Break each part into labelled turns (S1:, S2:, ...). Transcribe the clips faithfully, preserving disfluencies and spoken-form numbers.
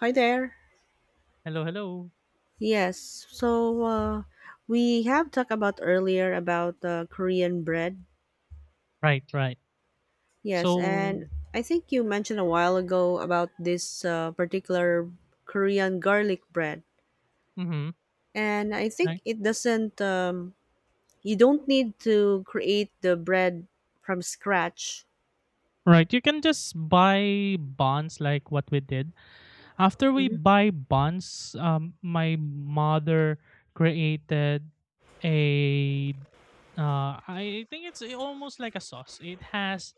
S1: Hi there.
S2: Hello, hello.
S1: Yes. So uh, we have talked about earlier about uh, Korean bread.
S2: Right, right.
S1: Yes,
S2: So,
S1: and I think you mentioned a while ago about this uh, particular Korean garlic bread.
S2: mhm,
S1: And I think
S2: right.
S1: it doesn't. Um, you don't need to create the bread from scratch.
S2: Right, you can just buy bonds like what we did. After we
S1: Mm-hmm.
S2: buy bonds, um, my mother created a uh, I think it's almost like a sauce. It has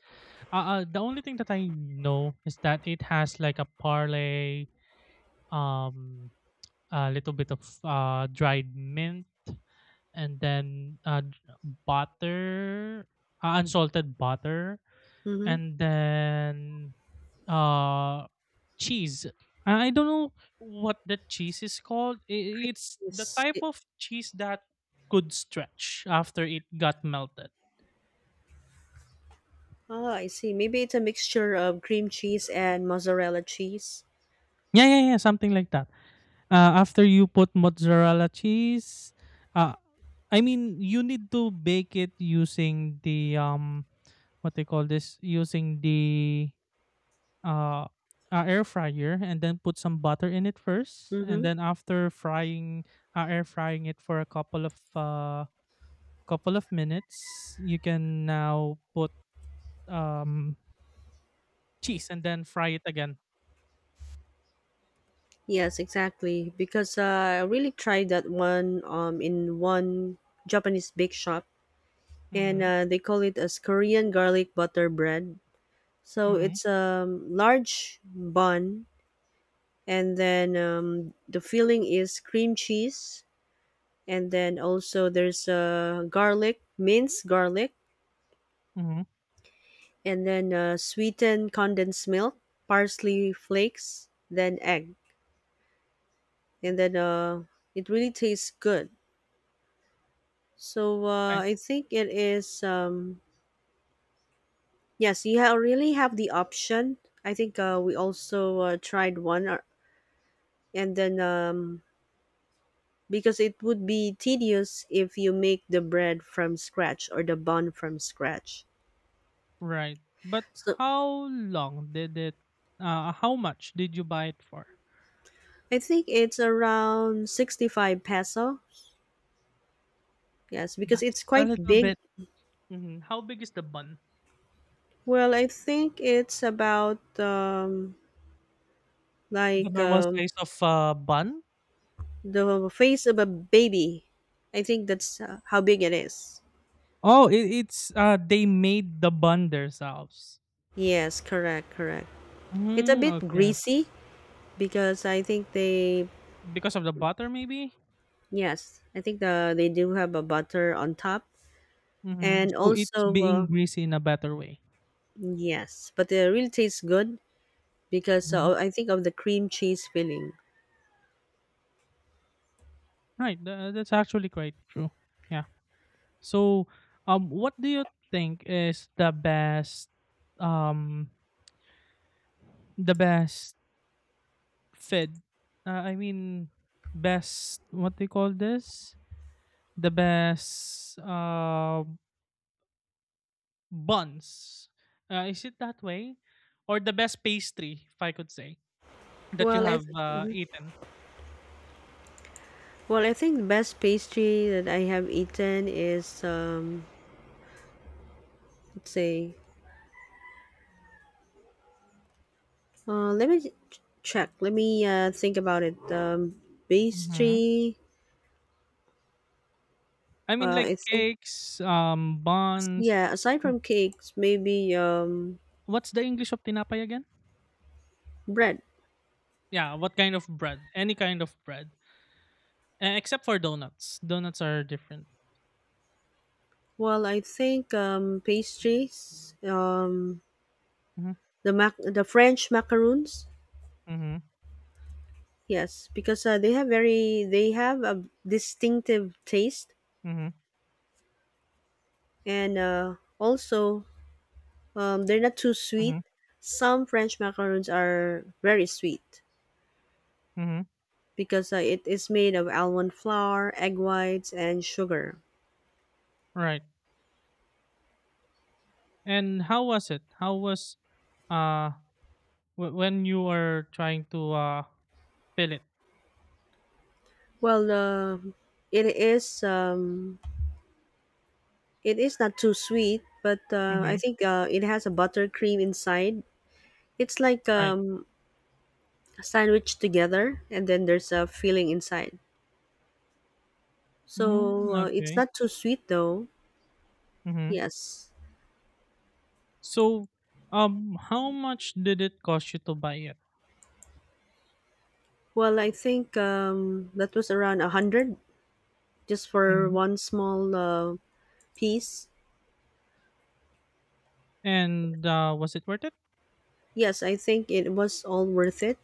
S2: uh, uh, the only thing that I know is that it has like a parlay, um, a little bit of uh dried mint, and then uh, butter, uh, unsalted butter,
S1: Mm-hmm.
S2: and then uh, cheese. I I don't know what the cheese is called. I- It's the
S1: Yes.
S2: type
S1: It,
S2: of cheese that could stretch after it got melted.
S1: oh, I see. Maybe it's a mixture of cream cheese and mozzarella cheese.
S2: Yeah, yeah, yeah, something like that. Uh, after you put mozzarella cheese, uh, I mean, you need to bake it using the um, what they call this, using the uh, uh, air fryer and then put some butter in it first and
S1: Mm-hmm.
S2: then after frying uh, air frying it for a couple of uh, couple of minutes you can now put um, cheese and then fry it again.
S1: Yes, exactly. Because uh, I really tried that one um, in one Japanese bake shop, and
S2: Mm-hmm,
S1: uh, they call it as Korean garlic butter bread. So
S2: mm-hmm,
S1: it's a um, large bun, and then um, the filling is cream cheese, and then also there's uh, garlic, minced garlic,
S2: mm-hmm.
S1: and then uh, sweetened condensed milk, parsley flakes, then egg, and then uh, it really tastes good. So uh,
S2: Right,
S1: I think it is. Um, yes, you ha- really have the option. I think uh, we also uh, tried one, uh, and then um, because it would be tedious if you make the bread from scratch or the bun from scratch.
S2: right. But
S1: So
S2: how long did it uh, how much did you buy it for?
S1: I think it's around sixty-five peso. Yes, because it's
S2: That's a
S1: quite
S2: little
S1: big.
S2: bit. Mhm. How big is the bun?
S1: Well, I think it's about um,
S2: The
S1: like
S2: normal
S1: um,
S2: size of uh, bun.
S1: the face of a baby. I think that's uh, how big it is.
S2: Oh, it, it's uh they made the bun themselves.
S1: Yes, correct, correct. It's a
S2: Mm,
S1: bit
S2: okay, okay.
S1: greasy because I think they
S2: Because of the butter maybe.
S1: yes, I think the they do have a butter on top
S2: Hmm.
S1: and
S2: So it's
S1: also uh,
S2: being greasy in a better way.
S1: yes, but it really tastes good because
S2: Mhm.
S1: uh, I think of the cream cheese filling.
S2: Right. tha- that's actually quite true. Yeah. So, um, what do you think is the best, um, the best fit? Uh, I mean, best. What do you call this? The best. Um. Buns. Uh, is it that way? Or the best pastry, if I could say, that you
S1: Well, I
S2: have
S1: th-
S2: uh, eaten?
S1: well, I think the best pastry that I have eaten is um let's say uh let me ch- check. Let me uh think about it. Um
S2: Hmm.
S1: pastry
S2: I mean,
S1: uh
S2: like
S1: I think
S2: cakes, um, buns.
S1: yeah, aside
S2: W-
S1: from cakes, maybe um
S2: What's the English of tinapay again?
S1: Bread.
S2: Yeah, what kind of bread? Any kind of bread, uh, except for donuts. Donuts are different.
S1: Well, I think um, pastries, um,
S2: Mm-hmm.
S1: the mac- the French macaroons.
S2: Mm-hmm.
S1: Yes, because uh, they have very they have a distinctive taste,
S2: Mm-hmm.
S1: and uh, also um, they're not too sweet.
S2: Mm-hmm.
S1: Some French macaroons are very sweet
S2: Hmm.
S1: because uh, it is made of almond flour, egg whites, and sugar.
S2: Right. And how was it? How was uh w- when you were trying to uh fill it?
S1: Well, uh, it is um, it is not too sweet, but uh, I
S2: Mm-hmm.
S1: think uh, it has a buttercream inside. It's like
S2: Right.
S1: um, sandwiched together, and then there's a filling inside. So
S2: Mm-hmm.
S1: uh, it's
S2: Okay.
S1: not too sweet though.
S2: Mm-hmm.
S1: Yes.
S2: So, um, how much did it cost you to buy it?
S1: Well, I think um, that was around a hundred just for
S2: Hmm.
S1: one small uh, piece.
S2: And uh, was it worth it?
S1: Yes, I think it was all worth it.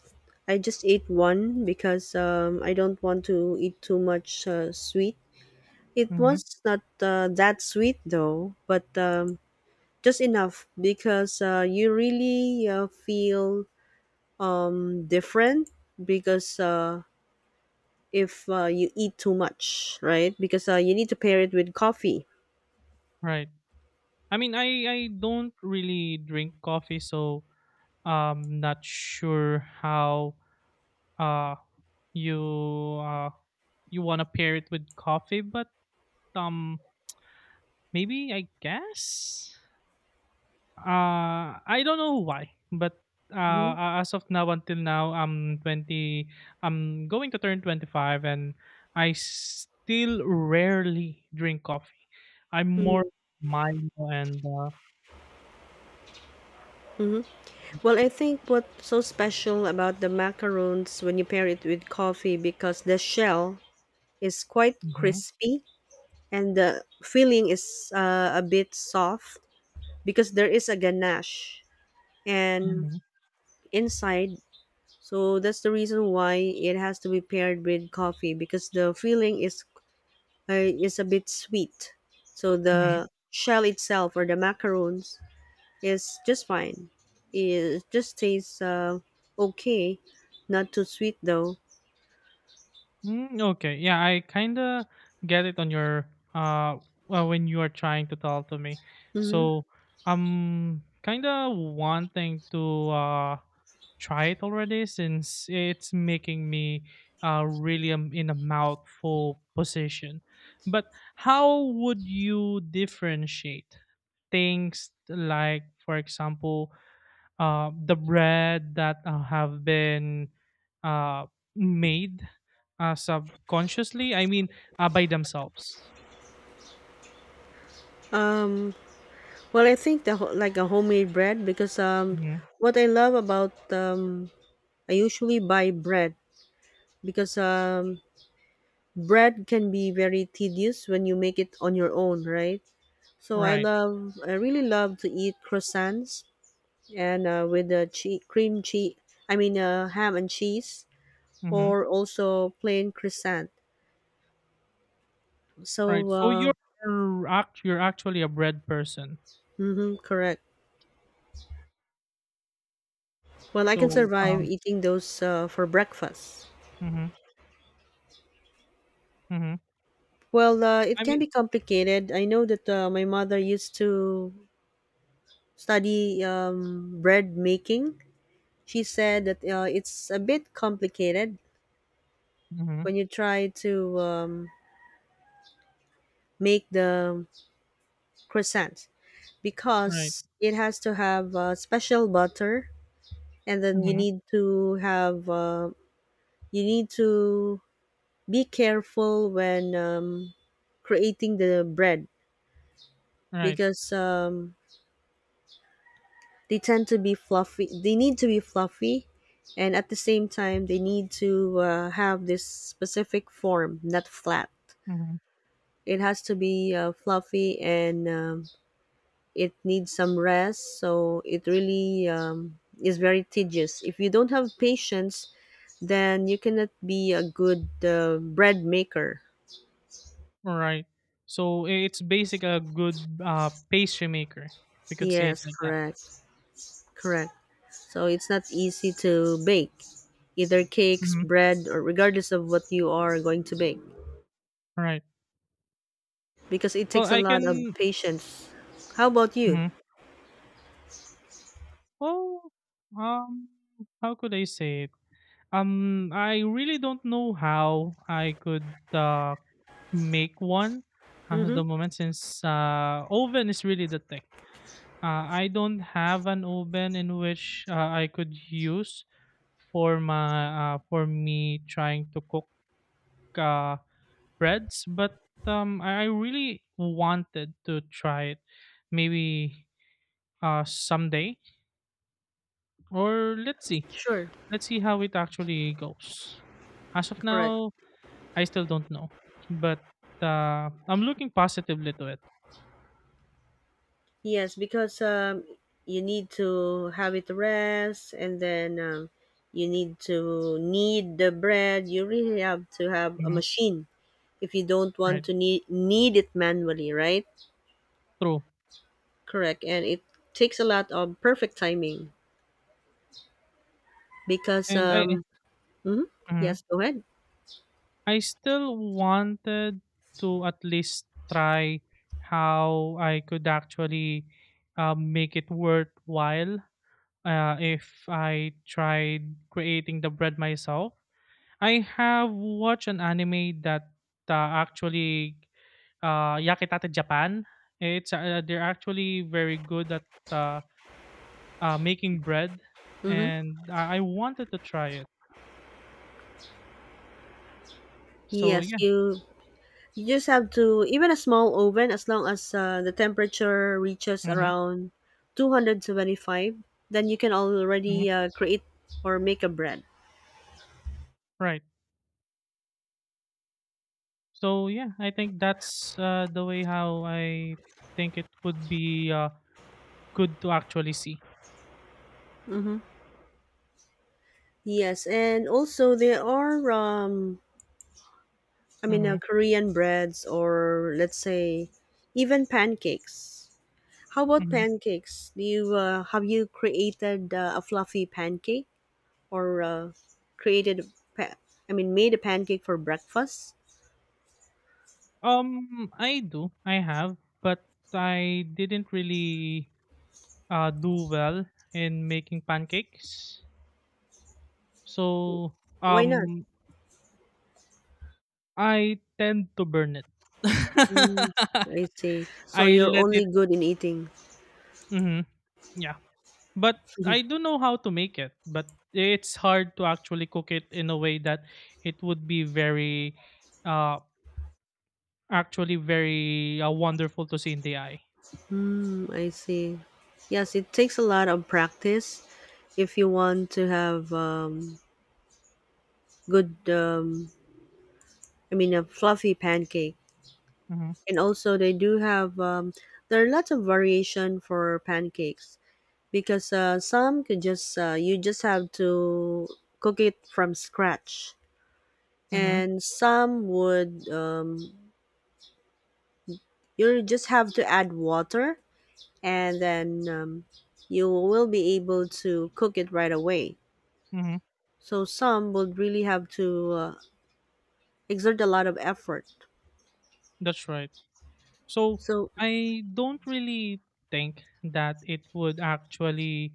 S1: I just ate one because um, I don't want to eat too much uh, sweet. It
S2: Hmm.
S1: was not uh, that sweet though, but um, just enough because uh, you really uh, feel um different because uh if uh, you eat too much right because uh, you need to pair it with coffee.
S2: Right. I mean, I I don't really drink coffee, so I'm not sure how uh you uh you wanna pair it with coffee, but um, maybe I guess. Uh, I don't know why, but,
S1: Hmm.
S2: uh, as of now until now, I'm twenty, I'm going to turn twenty five and I still rarely drink coffee. I'm more mild and, uh
S1: Hmm. Well i think what's so special about the macaroons when you pair it with coffee because the shell is quite
S2: mhm,
S1: crispy and the filling is uh, a bit soft because there is a ganache and
S2: mhm,
S1: inside, so that's the reason why it has to be paired with coffee because the filling is uh, is a bit sweet. So
S2: mhm.
S1: the shell itself or the macaroons is just fine. It just tastes uh, okay, not too sweet though.
S2: Mm, okay. Yeah, I kind of get it on your uh well, when you are trying to talk to me.
S1: Hmm.
S2: So I'm kind of wanting to uh try it already since it's making me uh really um, in a mouthful position. But how would you differentiate things like for example uh, the bread that uh, have been uh, made uh, subconsciously. I mean, uh, by themselves.
S1: Um, well, I think the ho- like a homemade bread because um,
S2: Hmm.
S1: what I love about um, I usually buy bread because um, bread can be very tedious when you make it on your own, right? So I
S2: Right.
S1: love, I really love to eat croissants and uh, with the che- cream cheese, I mean uh, ham and cheese
S2: Hmm.
S1: or also plain croissant,
S2: Right.
S1: so
S2: So
S1: uh,
S2: you're act you're actually a bread person.
S1: mhm, correct. Well i can
S2: So,
S1: survive
S2: um,
S1: eating those uh, for breakfast.
S2: hmm, hmm.
S1: Well uh, it
S2: I
S1: can be
S2: mean.
S1: complicated. I know that uh, my mother used to study um, bread making. She said that uh, it's a bit complicated
S2: Hmm.
S1: when you try to um, make the croissant
S2: Right.
S1: because it has to have uh, special butter, and then you
S2: Hmm.
S1: need to have uh, you need to be careful when um, creating the bread
S2: Right.
S1: because um, they tend to be fluffy, they need to be fluffy and at the same time they need to uh, have this specific form, not flat.
S2: Hmm.
S1: It has to be uh, fluffy, and um, it needs some rest, so it really um, is very tedious. If you don't have patience, then you cannot be a good uh, bread maker.
S2: Right. So it's basic a good uh, pastry maker. If we could say it
S1: Yes,
S2: like that.
S1: correct. Correct. So it's not easy to bake either cakes,
S2: Hmm.
S1: bread, or regardless of what you are going to bake
S2: Right.
S1: because it
S2: Well,
S1: takes a
S2: I
S1: lot of
S2: can.
S1: patience. How about you?
S2: Mhm. Well, um, how could I say it? Um, I really don't know how I could uh make one at
S1: Mm-hmm.
S2: the moment since uh oven is really the thing. Uh, I don't have an oven in which uh, I could use for my uh for me trying to cook uh breads, but um I I really wanted to try it maybe uh someday or let's see.
S1: Sure.
S2: Let's see how it actually goes. As of
S1: Correct.
S2: now, I still don't know, but uh, I'm looking positively to it.
S1: Yes, because um, you need to have it rest, and then um, you need to knead the bread. You really have to have a
S2: Mhm.
S1: machine if you don't want
S2: Right.
S1: to nee-, need knead it manually, right?
S2: True.
S1: Correct. And it takes a lot of perfect timing because
S2: And I I
S1: um mhm.
S2: Mhm.
S1: Yes, go ahead.
S2: I still wanted to at least try how I could actually uh, make it worthwhile uh, if I tried creating the bread myself. I have watched an anime that uh, actually uh, Yakitate Japan. It's uh, They're actually very good at uh, uh, making bread,
S1: Mhm.
S2: and I I wanted to try it. So
S1: Yes,
S2: yeah,
S1: you you just have to, even a small oven, as long as uh, the temperature reaches
S2: hmm,
S1: around two hundred seventy-five, then you can
S2: hmm,
S1: already uh, create or make a bread.
S2: right. So yeah, I think that's uh, the way how I think it would be uh, good to actually see.
S1: Hmm. Yes, and also there are um I mean uh,
S2: Hmm,
S1: Korean breads, or let's say even pancakes. How about
S2: hmm.
S1: pancakes? Do you uh, have you created uh, a fluffy pancake or uh, created a pa- I mean made a pancake for breakfast?
S2: Um, I do, I have, but I didn't really uh, do well in making pancakes. So
S1: Why not?
S2: um I tend to burn it.
S1: Mm, I see.
S2: I
S1: So you're
S2: let
S1: only
S2: it.
S1: good in eating.
S2: Mhm, yeah. But I do know how to make it, but it's hard to actually cook it in a way that it would be very uh actually very uh, wonderful to see in the eye.
S1: Mm, I see. Yes, it takes a lot of practice if you want to have um, good um, I mean a fluffy pancake.
S2: Mhm.
S1: And also they do have um, there are lots of variation for pancakes, because uh, some could just uh, you just have to cook it from scratch,
S2: Mhm.
S1: and some would um, you just have to add water, and then um, you will be able to cook it right away,
S2: Mhm.
S1: so some would really have to uh, exert a lot of effort,
S2: That's right. So
S1: so
S2: I don't really think that it would actually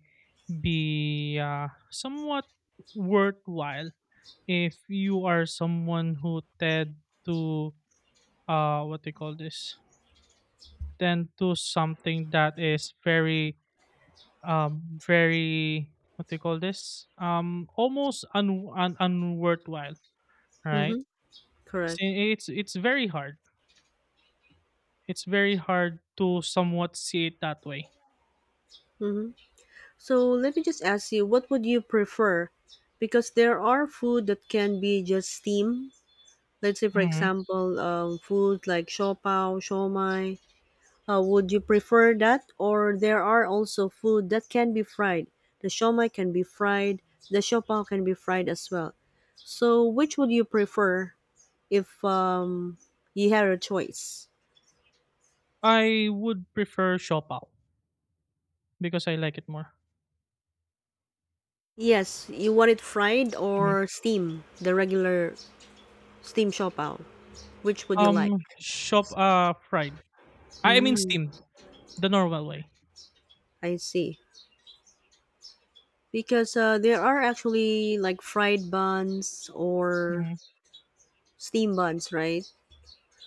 S2: be uh, somewhat worthwhile if you are someone who tend to uh what they call this tend to something that is very um very what they call this um almost un, un unworthwhile, right.
S1: hmm correct
S2: See, it's it's very hard it's very hard to somewhat see it that way.
S1: hmm. So let me just ask you, what would you prefer, because there are food that can be just steamed. Let's say, for
S2: Mm-hmm.
S1: example, um, food like shopao, shomai. Uh, would you prefer that, or there are also food that can be fried? The shomai can be fried. The shopao can be fried as well. So, which would you prefer if um, you had a choice?
S2: I would prefer siopao because I like it more.
S1: Yes, you want it fried
S2: Mhm.
S1: or steam, the regular steam shopao. Which would you like?
S2: Um, shop uh, Fried. I I mean
S1: Mm,
S2: steamed, the normal way.
S1: I see. Because uh, there are actually like fried buns or
S2: Mhm,
S1: steam buns, right?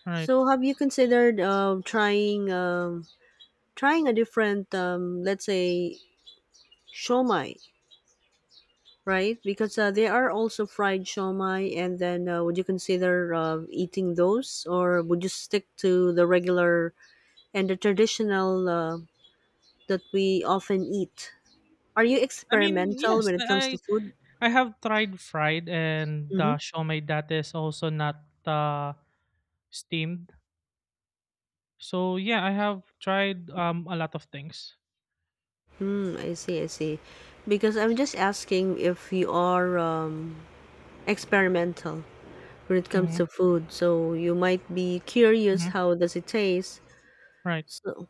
S2: right.
S1: So have you considered um, trying um, trying a different, um, let's say, shomai, right? Because uh, they are also fried shomai, and then uh, would you consider uh, eating those, or would you stick to the regular and the traditional uh, that we often eat? Are you
S2: I mean,
S1: experimental
S2: yes,
S1: when it comes to
S2: I
S1: food?
S2: I have tried fried and
S1: Mm-hmm.
S2: the siomai that is also not uh, steamed. So yeah, I have tried um a lot of things.
S1: Mm, I see, I see. Because I'm just asking if you are um, experimental when it comes
S2: Hmm,
S1: to food. So you might be curious
S2: hmm.
S1: how does it taste.
S2: Right.
S1: So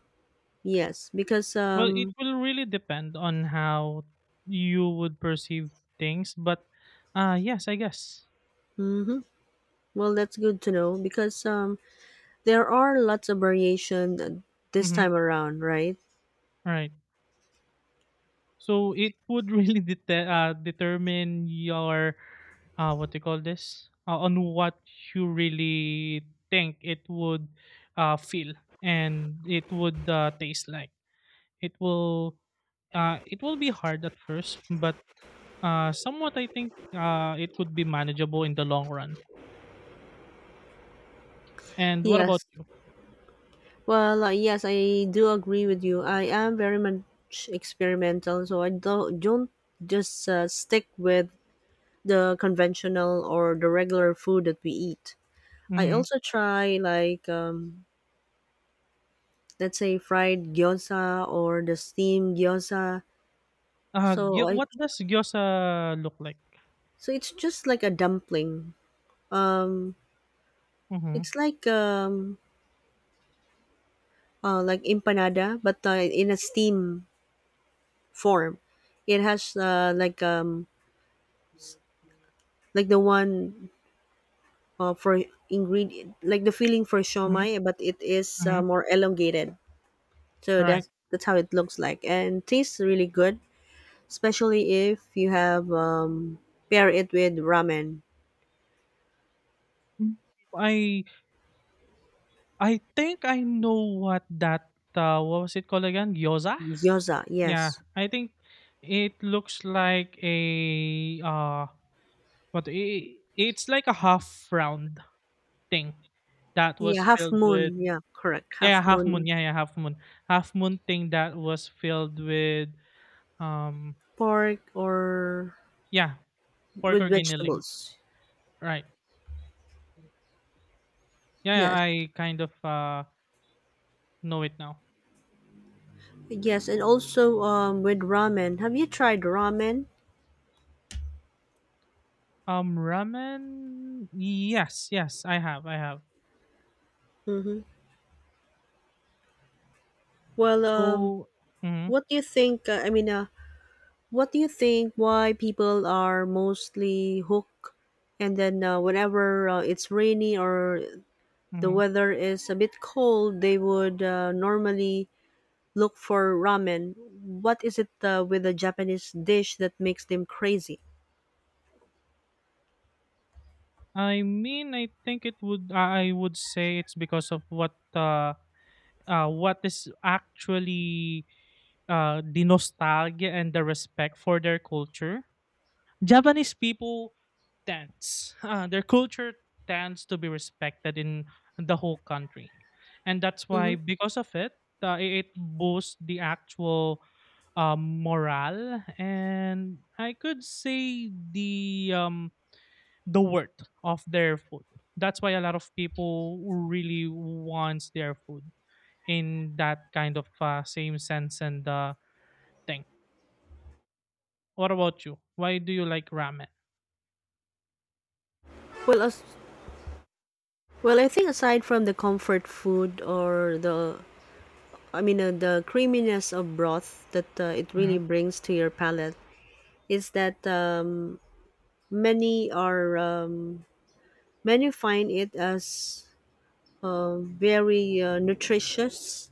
S1: yes, because
S2: Well, it
S1: um,
S2: will really depend on how you would perceive things, but uh yes, I guess.
S1: mhm. Well that's good to know because um, there are lots of variation this
S2: Hmm.
S1: time around, right?
S2: Right. So it would really dete- uh, determine your uh, what do you call this uh, on what you really think it would uh, feel and it would uh, taste like. It will uh, it will be hard at first, but uh, somewhat I think uh, it could be manageable in the long run. And what about
S1: Yes.
S2: you?
S1: Well, uh, yes, I do agree with you. I am very much experimental, so I don't don't just uh, stick with the conventional or the regular food that we eat. I
S2: Mm-hmm.
S1: also try like um, let's say fried gyoza or the steamed gyoza.
S2: Uh,
S1: So
S2: gyo-
S1: I
S2: what does gyoza look like?
S1: so it's just like a dumpling. Um,
S2: Mm-hmm.
S1: it's like um uh, Like empanada, but uh, in a steam form. It has uh, like um like the one uh, for ingredient, like the filling for
S2: Mm-hmm.
S1: shomai, but it is
S2: Mm-hmm.
S1: uh, more elongated. So
S2: Right.
S1: that's that's how it looks like and tastes really good, especially if you have um pair it with ramen.
S2: Mm, I I think I know what that uh, what was it called again? Gyoza?
S1: Gyoza.
S2: Yeah,
S1: Yes.
S2: I think it looks like a uh what i- it's like a half round thing that
S1: Yeah,
S2: was
S1: half
S2: filled with,
S1: moon. Yeah, correct.
S2: yeah, yeah,
S1: Half
S2: half moon.
S1: moon.
S2: Yeah, yeah, half moon. Half moon thing that was filled with, um
S1: Pork or
S2: yeah, pork
S1: with
S2: or giniling.
S1: vegetables.
S2: Right. Yeah, yeah,
S1: Yes.
S2: I kind of uh know it now.
S1: Yes, and also um with ramen. Have you tried ramen?
S2: Um ramen? Yes, yes, I have. I have.
S1: Mm-hmm. Well, um
S2: So, mhm.
S1: what do you think uh, I mean uh what do you think why people are mostly hooked, and then uh, whenever uh, it's rainy or the
S2: Mhm.
S1: weather is a bit cold, they would uh, normally look for ramen. What is it uh, with the Japanese dish that makes them crazy?
S2: I mean, I think it would. I would say it's because of what uh, uh what is actually uh the nostalgia and the respect for their culture. Japanese people tends uh, their culture tends to be respected in the whole country, and that's why
S1: Hmm.
S2: because of it, uh, it it boosts the actual uh, morale and I could say the um the worth of their food. That's why a lot of people really wants their food in that kind of uh, same sense and uh, thing. What about you? Why do you like ramen?
S1: Well, as well, I think aside from the comfort food, or the, I mean, uh, the creaminess of broth that uh, it
S2: Hmm,
S1: really brings to your palate, is that um, many are um, many find it as uh, very uh, nutritious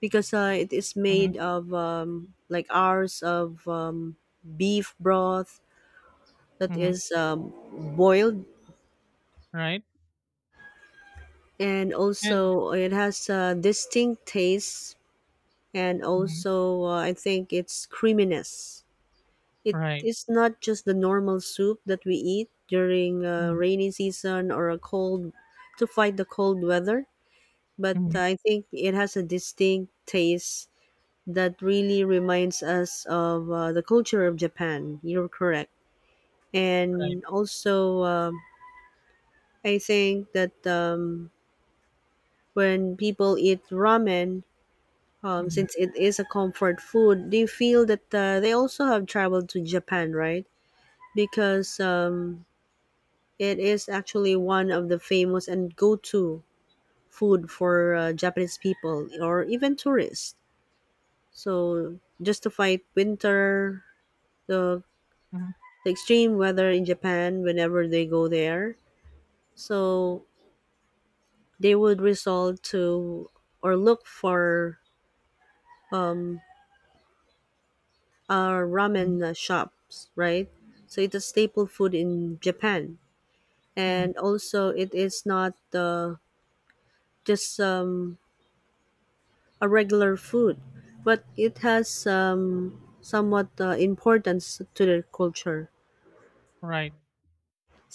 S1: because uh, it is
S2: hmm,
S1: made of um, like ours of um, beef broth that
S2: hmm.
S1: is um, boiled,
S2: Right.
S1: and
S2: And
S1: also it has a distinct taste, and
S2: mhm,
S1: also uh, I think it's creaminess. It
S2: right,
S1: is not just the normal soup that we eat during a
S2: mhm,
S1: rainy season or a cold to fight the cold weather, but
S2: mhm,
S1: I think it has a distinct taste that really reminds us of uh, the culture of Japan. You're correct,
S2: right,
S1: and also um I think that um, when people eat ramen, um,
S2: hmm,
S1: since it is a comfort food, they feel that uh, they also have traveled to Japan, right? Because um, it is actually one of the famous and go to food for uh, Japanese people or even tourists. So, just to fight winter, the, the extreme weather in Japan whenever they go there. So, they would resort to or look for um, uh,
S2: hmm,
S1: ramen uh, shops, right? So it's a staple food in Japan,
S2: hmm,
S1: and also it is not uh, just um, a regular food, but it has um, somewhat uh, importance to their culture,
S2: right.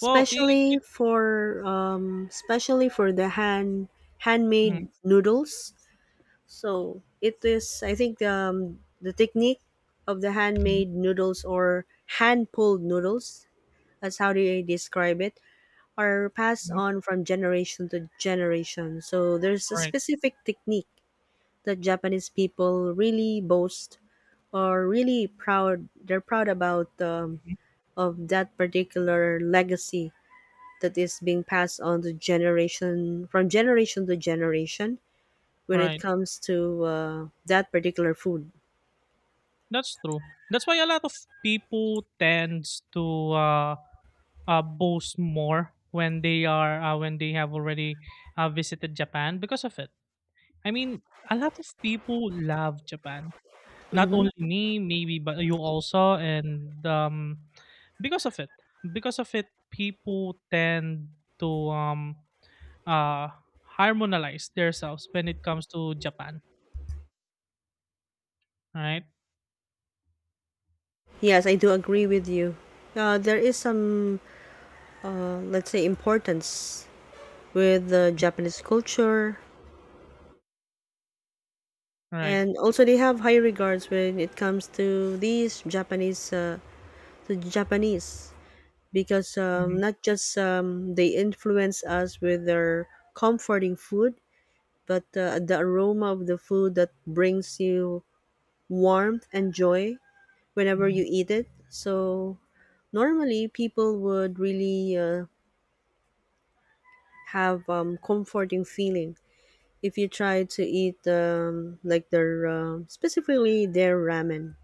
S2: Well, it, it
S1: for um, especially for the hand handmade
S2: mhm,
S1: noodles. So it is, I think, um, the technique of the
S2: mhm,
S1: handmade noodles or hand pulled noodles, that's how they describe it, are passed
S2: mhm,
S1: on from generation to generation. So there's a
S2: right,
S1: specific technique that Japanese people really boast or really proud. They're proud about um,
S2: mhm,
S1: of that particular legacy that is being passed on to generation from generation to generation when it
S2: right.
S1: comes to uh, that particular food.
S2: That's true. That's why a lot of people tends to uh, uh, boast more when they are uh, when they have already uh, visited Japan because of it. I mean, a lot of people love Japan. Not
S1: Mm-hmm.
S2: only me, maybe, but you also, and um, because of it, because of it, people tend to um uh harmonize themselves when it comes to Japan. Right,
S1: Yes, I do agree with you. Uh, there is some, uh, let's say, importance with the Japanese culture.
S2: right.
S1: And also they have high regards when it comes to these Japanese, uh, the Japanese, because um,
S2: Mhm,
S1: not just um, they influence us with their comforting food, but uh, the aroma of the food that brings you warmth and joy whenever
S2: mhm.
S1: you eat it. So normally people would really uh, have um, comforting feeling if you try to eat um, like their um specifically their ramen,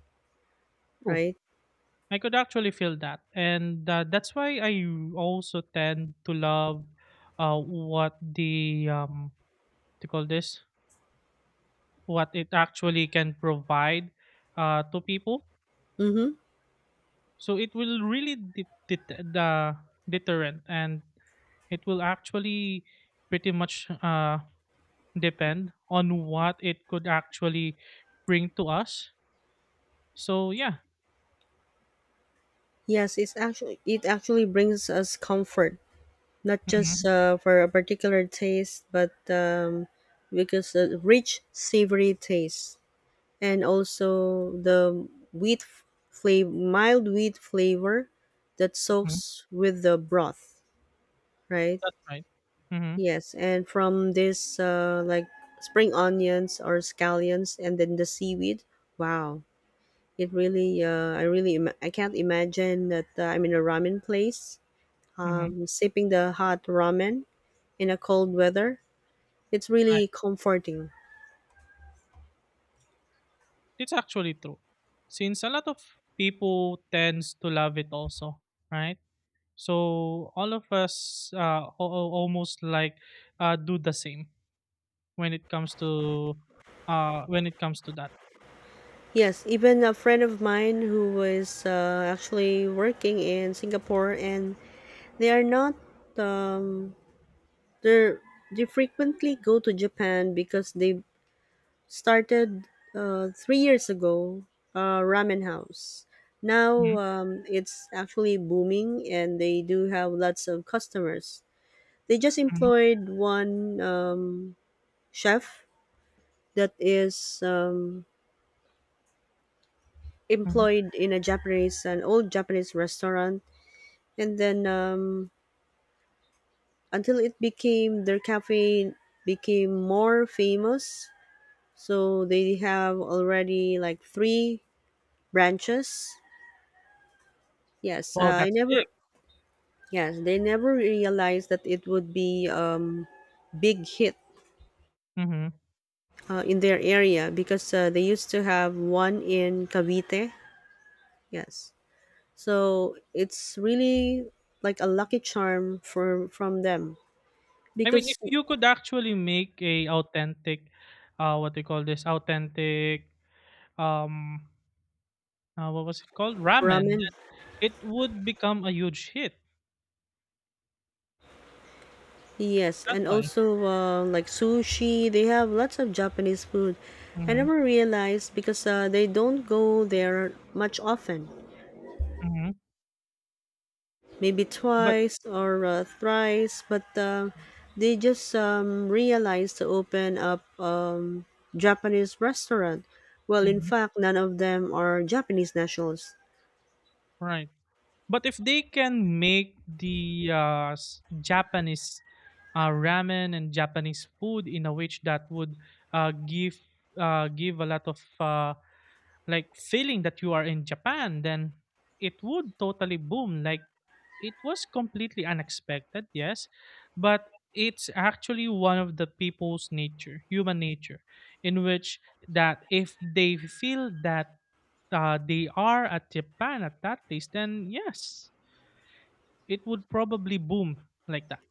S2: True.
S1: right?
S2: I could actually feel that, and uh, that's why I also tend to love uh, what the um to call this what it actually can provide uh, to people.
S1: Mm-hmm.
S2: So it will really de- det- the deterrent, and it will actually pretty much uh, depend on what it could actually bring to us. So yeah,
S1: Yes, it's actually it actually brings us comfort, not just
S2: hmm,
S1: uh, for a particular taste, but um, because the rich savory taste and also the wheat flavor, mild wheat flavor that soaks with the broth, right?
S2: that's right. Mm-hmm.
S1: Yes, and from this, uh, like spring onions or scallions, and then the seaweed. Wow, it really, uh, I really, Im- I can't imagine that uh, I'm in a ramen place,
S2: Mm-hmm.
S1: um, sipping the hot ramen in a cold weather. It's really comforting.
S2: It's actually true. Since a lot of people tends to love it also, right? So all of us uh, al- al- almost like uh, do the same when it comes to uh, when it comes to that.
S1: Yes, even a friend of mine who was uh, actually working in Singapore, and they are not. Um, they're they frequently go to Japan because they started uh, three years ago, uh, ramen house.
S2: Hmm,
S1: Now um, it's actually booming, and they do have lots of customers. They just
S2: hmm,
S1: employed one um, chef that is um,
S2: hmm.
S1: employed in a Japanese, an old Japanese restaurant, and then um, until it became their cafe, became more famous. So they have already like three branches. Yes, uh,
S2: Wow,
S1: I
S2: that's big.
S1: never Yes, they never realized that it would be um, big hit
S2: Hmm.
S1: uh, in their area because uh, they used to have one in Cavite. Yes, so it's really like a lucky charm for from them
S2: I mean,
S1: because
S2: if you could actually make a authentic, uh, what they call this, authentic, um, uh, what was it called, ramen,
S1: ramen.
S2: it would become a huge hit.
S1: Yes,
S2: That's
S1: and
S2: why.
S1: also uh, like sushi. They have lots of Japanese food. I
S2: Hmm,
S1: never realized because uh, they don't go there much often.
S2: hmm.
S1: Maybe
S2: But
S1: twice or uh, thrice, but um, they just um, realized to open up um, Japanese restaurant. Well, in
S2: mm-hmm.
S1: fact, none of them are Japanese nationals.
S2: Right. But if they can make the uh, s- Japanese uh, ramen and Japanese food in a which that would uh, give uh, give a lot of uh, like feeling that you are in Japan, then it would totally boom. Like it was completely unexpected, yes, but it's actually one of the people's nature, human nature, in which that if they feel that uh, they are at Japan at that place, then yes, it would probably boom like that.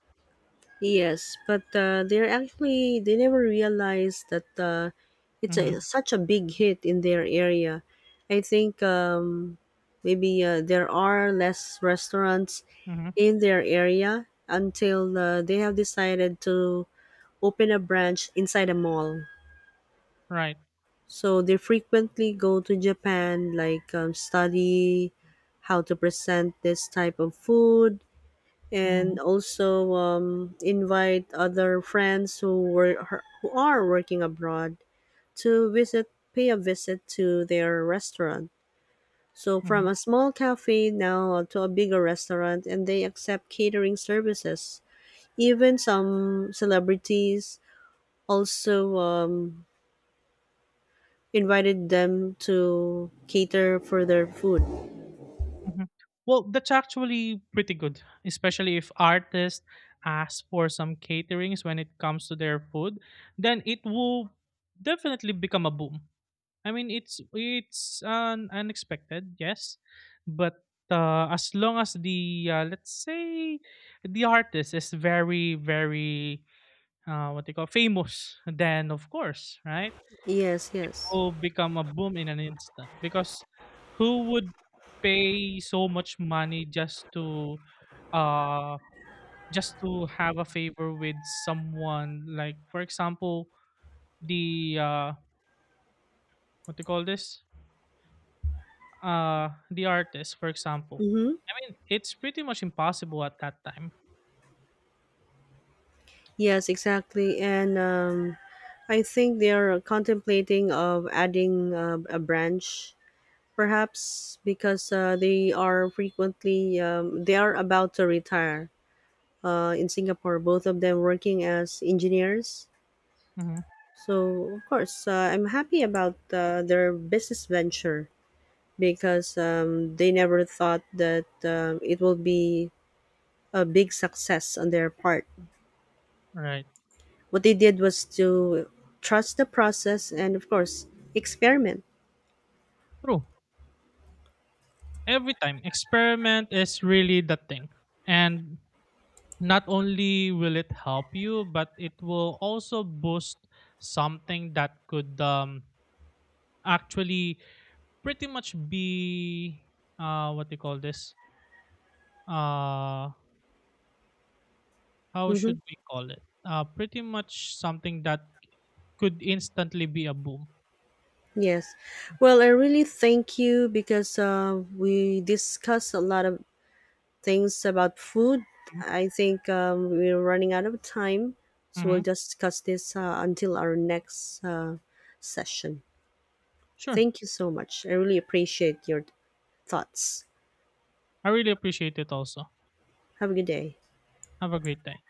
S1: Yes, but uh, they're actually they never realized that uh, it's a,
S2: Mhm,
S1: such a big hit in their area. I think um, maybe uh, there are less restaurants
S2: mhm,
S1: in their area until uh, they have decided to open a branch inside a mall.
S2: right.
S1: So they frequently go to Japan, like um, study how to present this type of food,
S2: Mhm,
S1: and also um, invite other friends who were who are working abroad to visit, pay a visit to their restaurant. So from
S2: mhm,
S1: a small cafe now to a bigger restaurant, and they accept catering services. Even some celebrities also um, invited them to cater for their food.
S2: mhm. Well, that's actually pretty good, especially if artists ask for some caterings when it comes to their food, then it will definitely become a boom. I mean, it's it's un- unexpected, yes, but uh, as long as the uh, let's say the artist is very very uh, what they call famous, then of course, right?
S1: Yes, yes.
S2: Will become a boom in an instant because who would pay so much money just to uh just to have a favor with someone like for example the uh what do you call this uh the artist for example.
S1: Mm-hmm.
S2: I mean, it's pretty much impossible at that time.
S1: Yes, exactly. And um, I think they are contemplating of adding uh, a branch, perhaps because uh, they are frequently um, they are about to retire uh, in Singapore. Both of them working as engineers.
S2: Mm-hmm.
S1: So of course, uh, I'm happy about uh, their business venture because um, they never thought that um, it will be a big success on their part.
S2: Right.
S1: What they did was to trust the process and, of course, experiment.
S2: True. Every time experiment is really the thing, and not only will it help you, but it will also boost something that could um, actually pretty much be uh, what do you call this? Uh, how
S1: Mm-hmm.
S2: should we call it? Uh, pretty much something that could instantly be a boom.
S1: Yes. Well, I really thank you because uh, we discussed a lot of things about food. I think um, we're running out of time, so
S2: Mm-hmm.
S1: we'll
S2: Mm-hmm.
S1: just discuss this uh, until our next uh, session.
S2: Sure.
S1: Thank you so much. I really appreciate your thoughts.
S2: I really appreciate it also.
S1: Have a good day.
S2: Have a great day.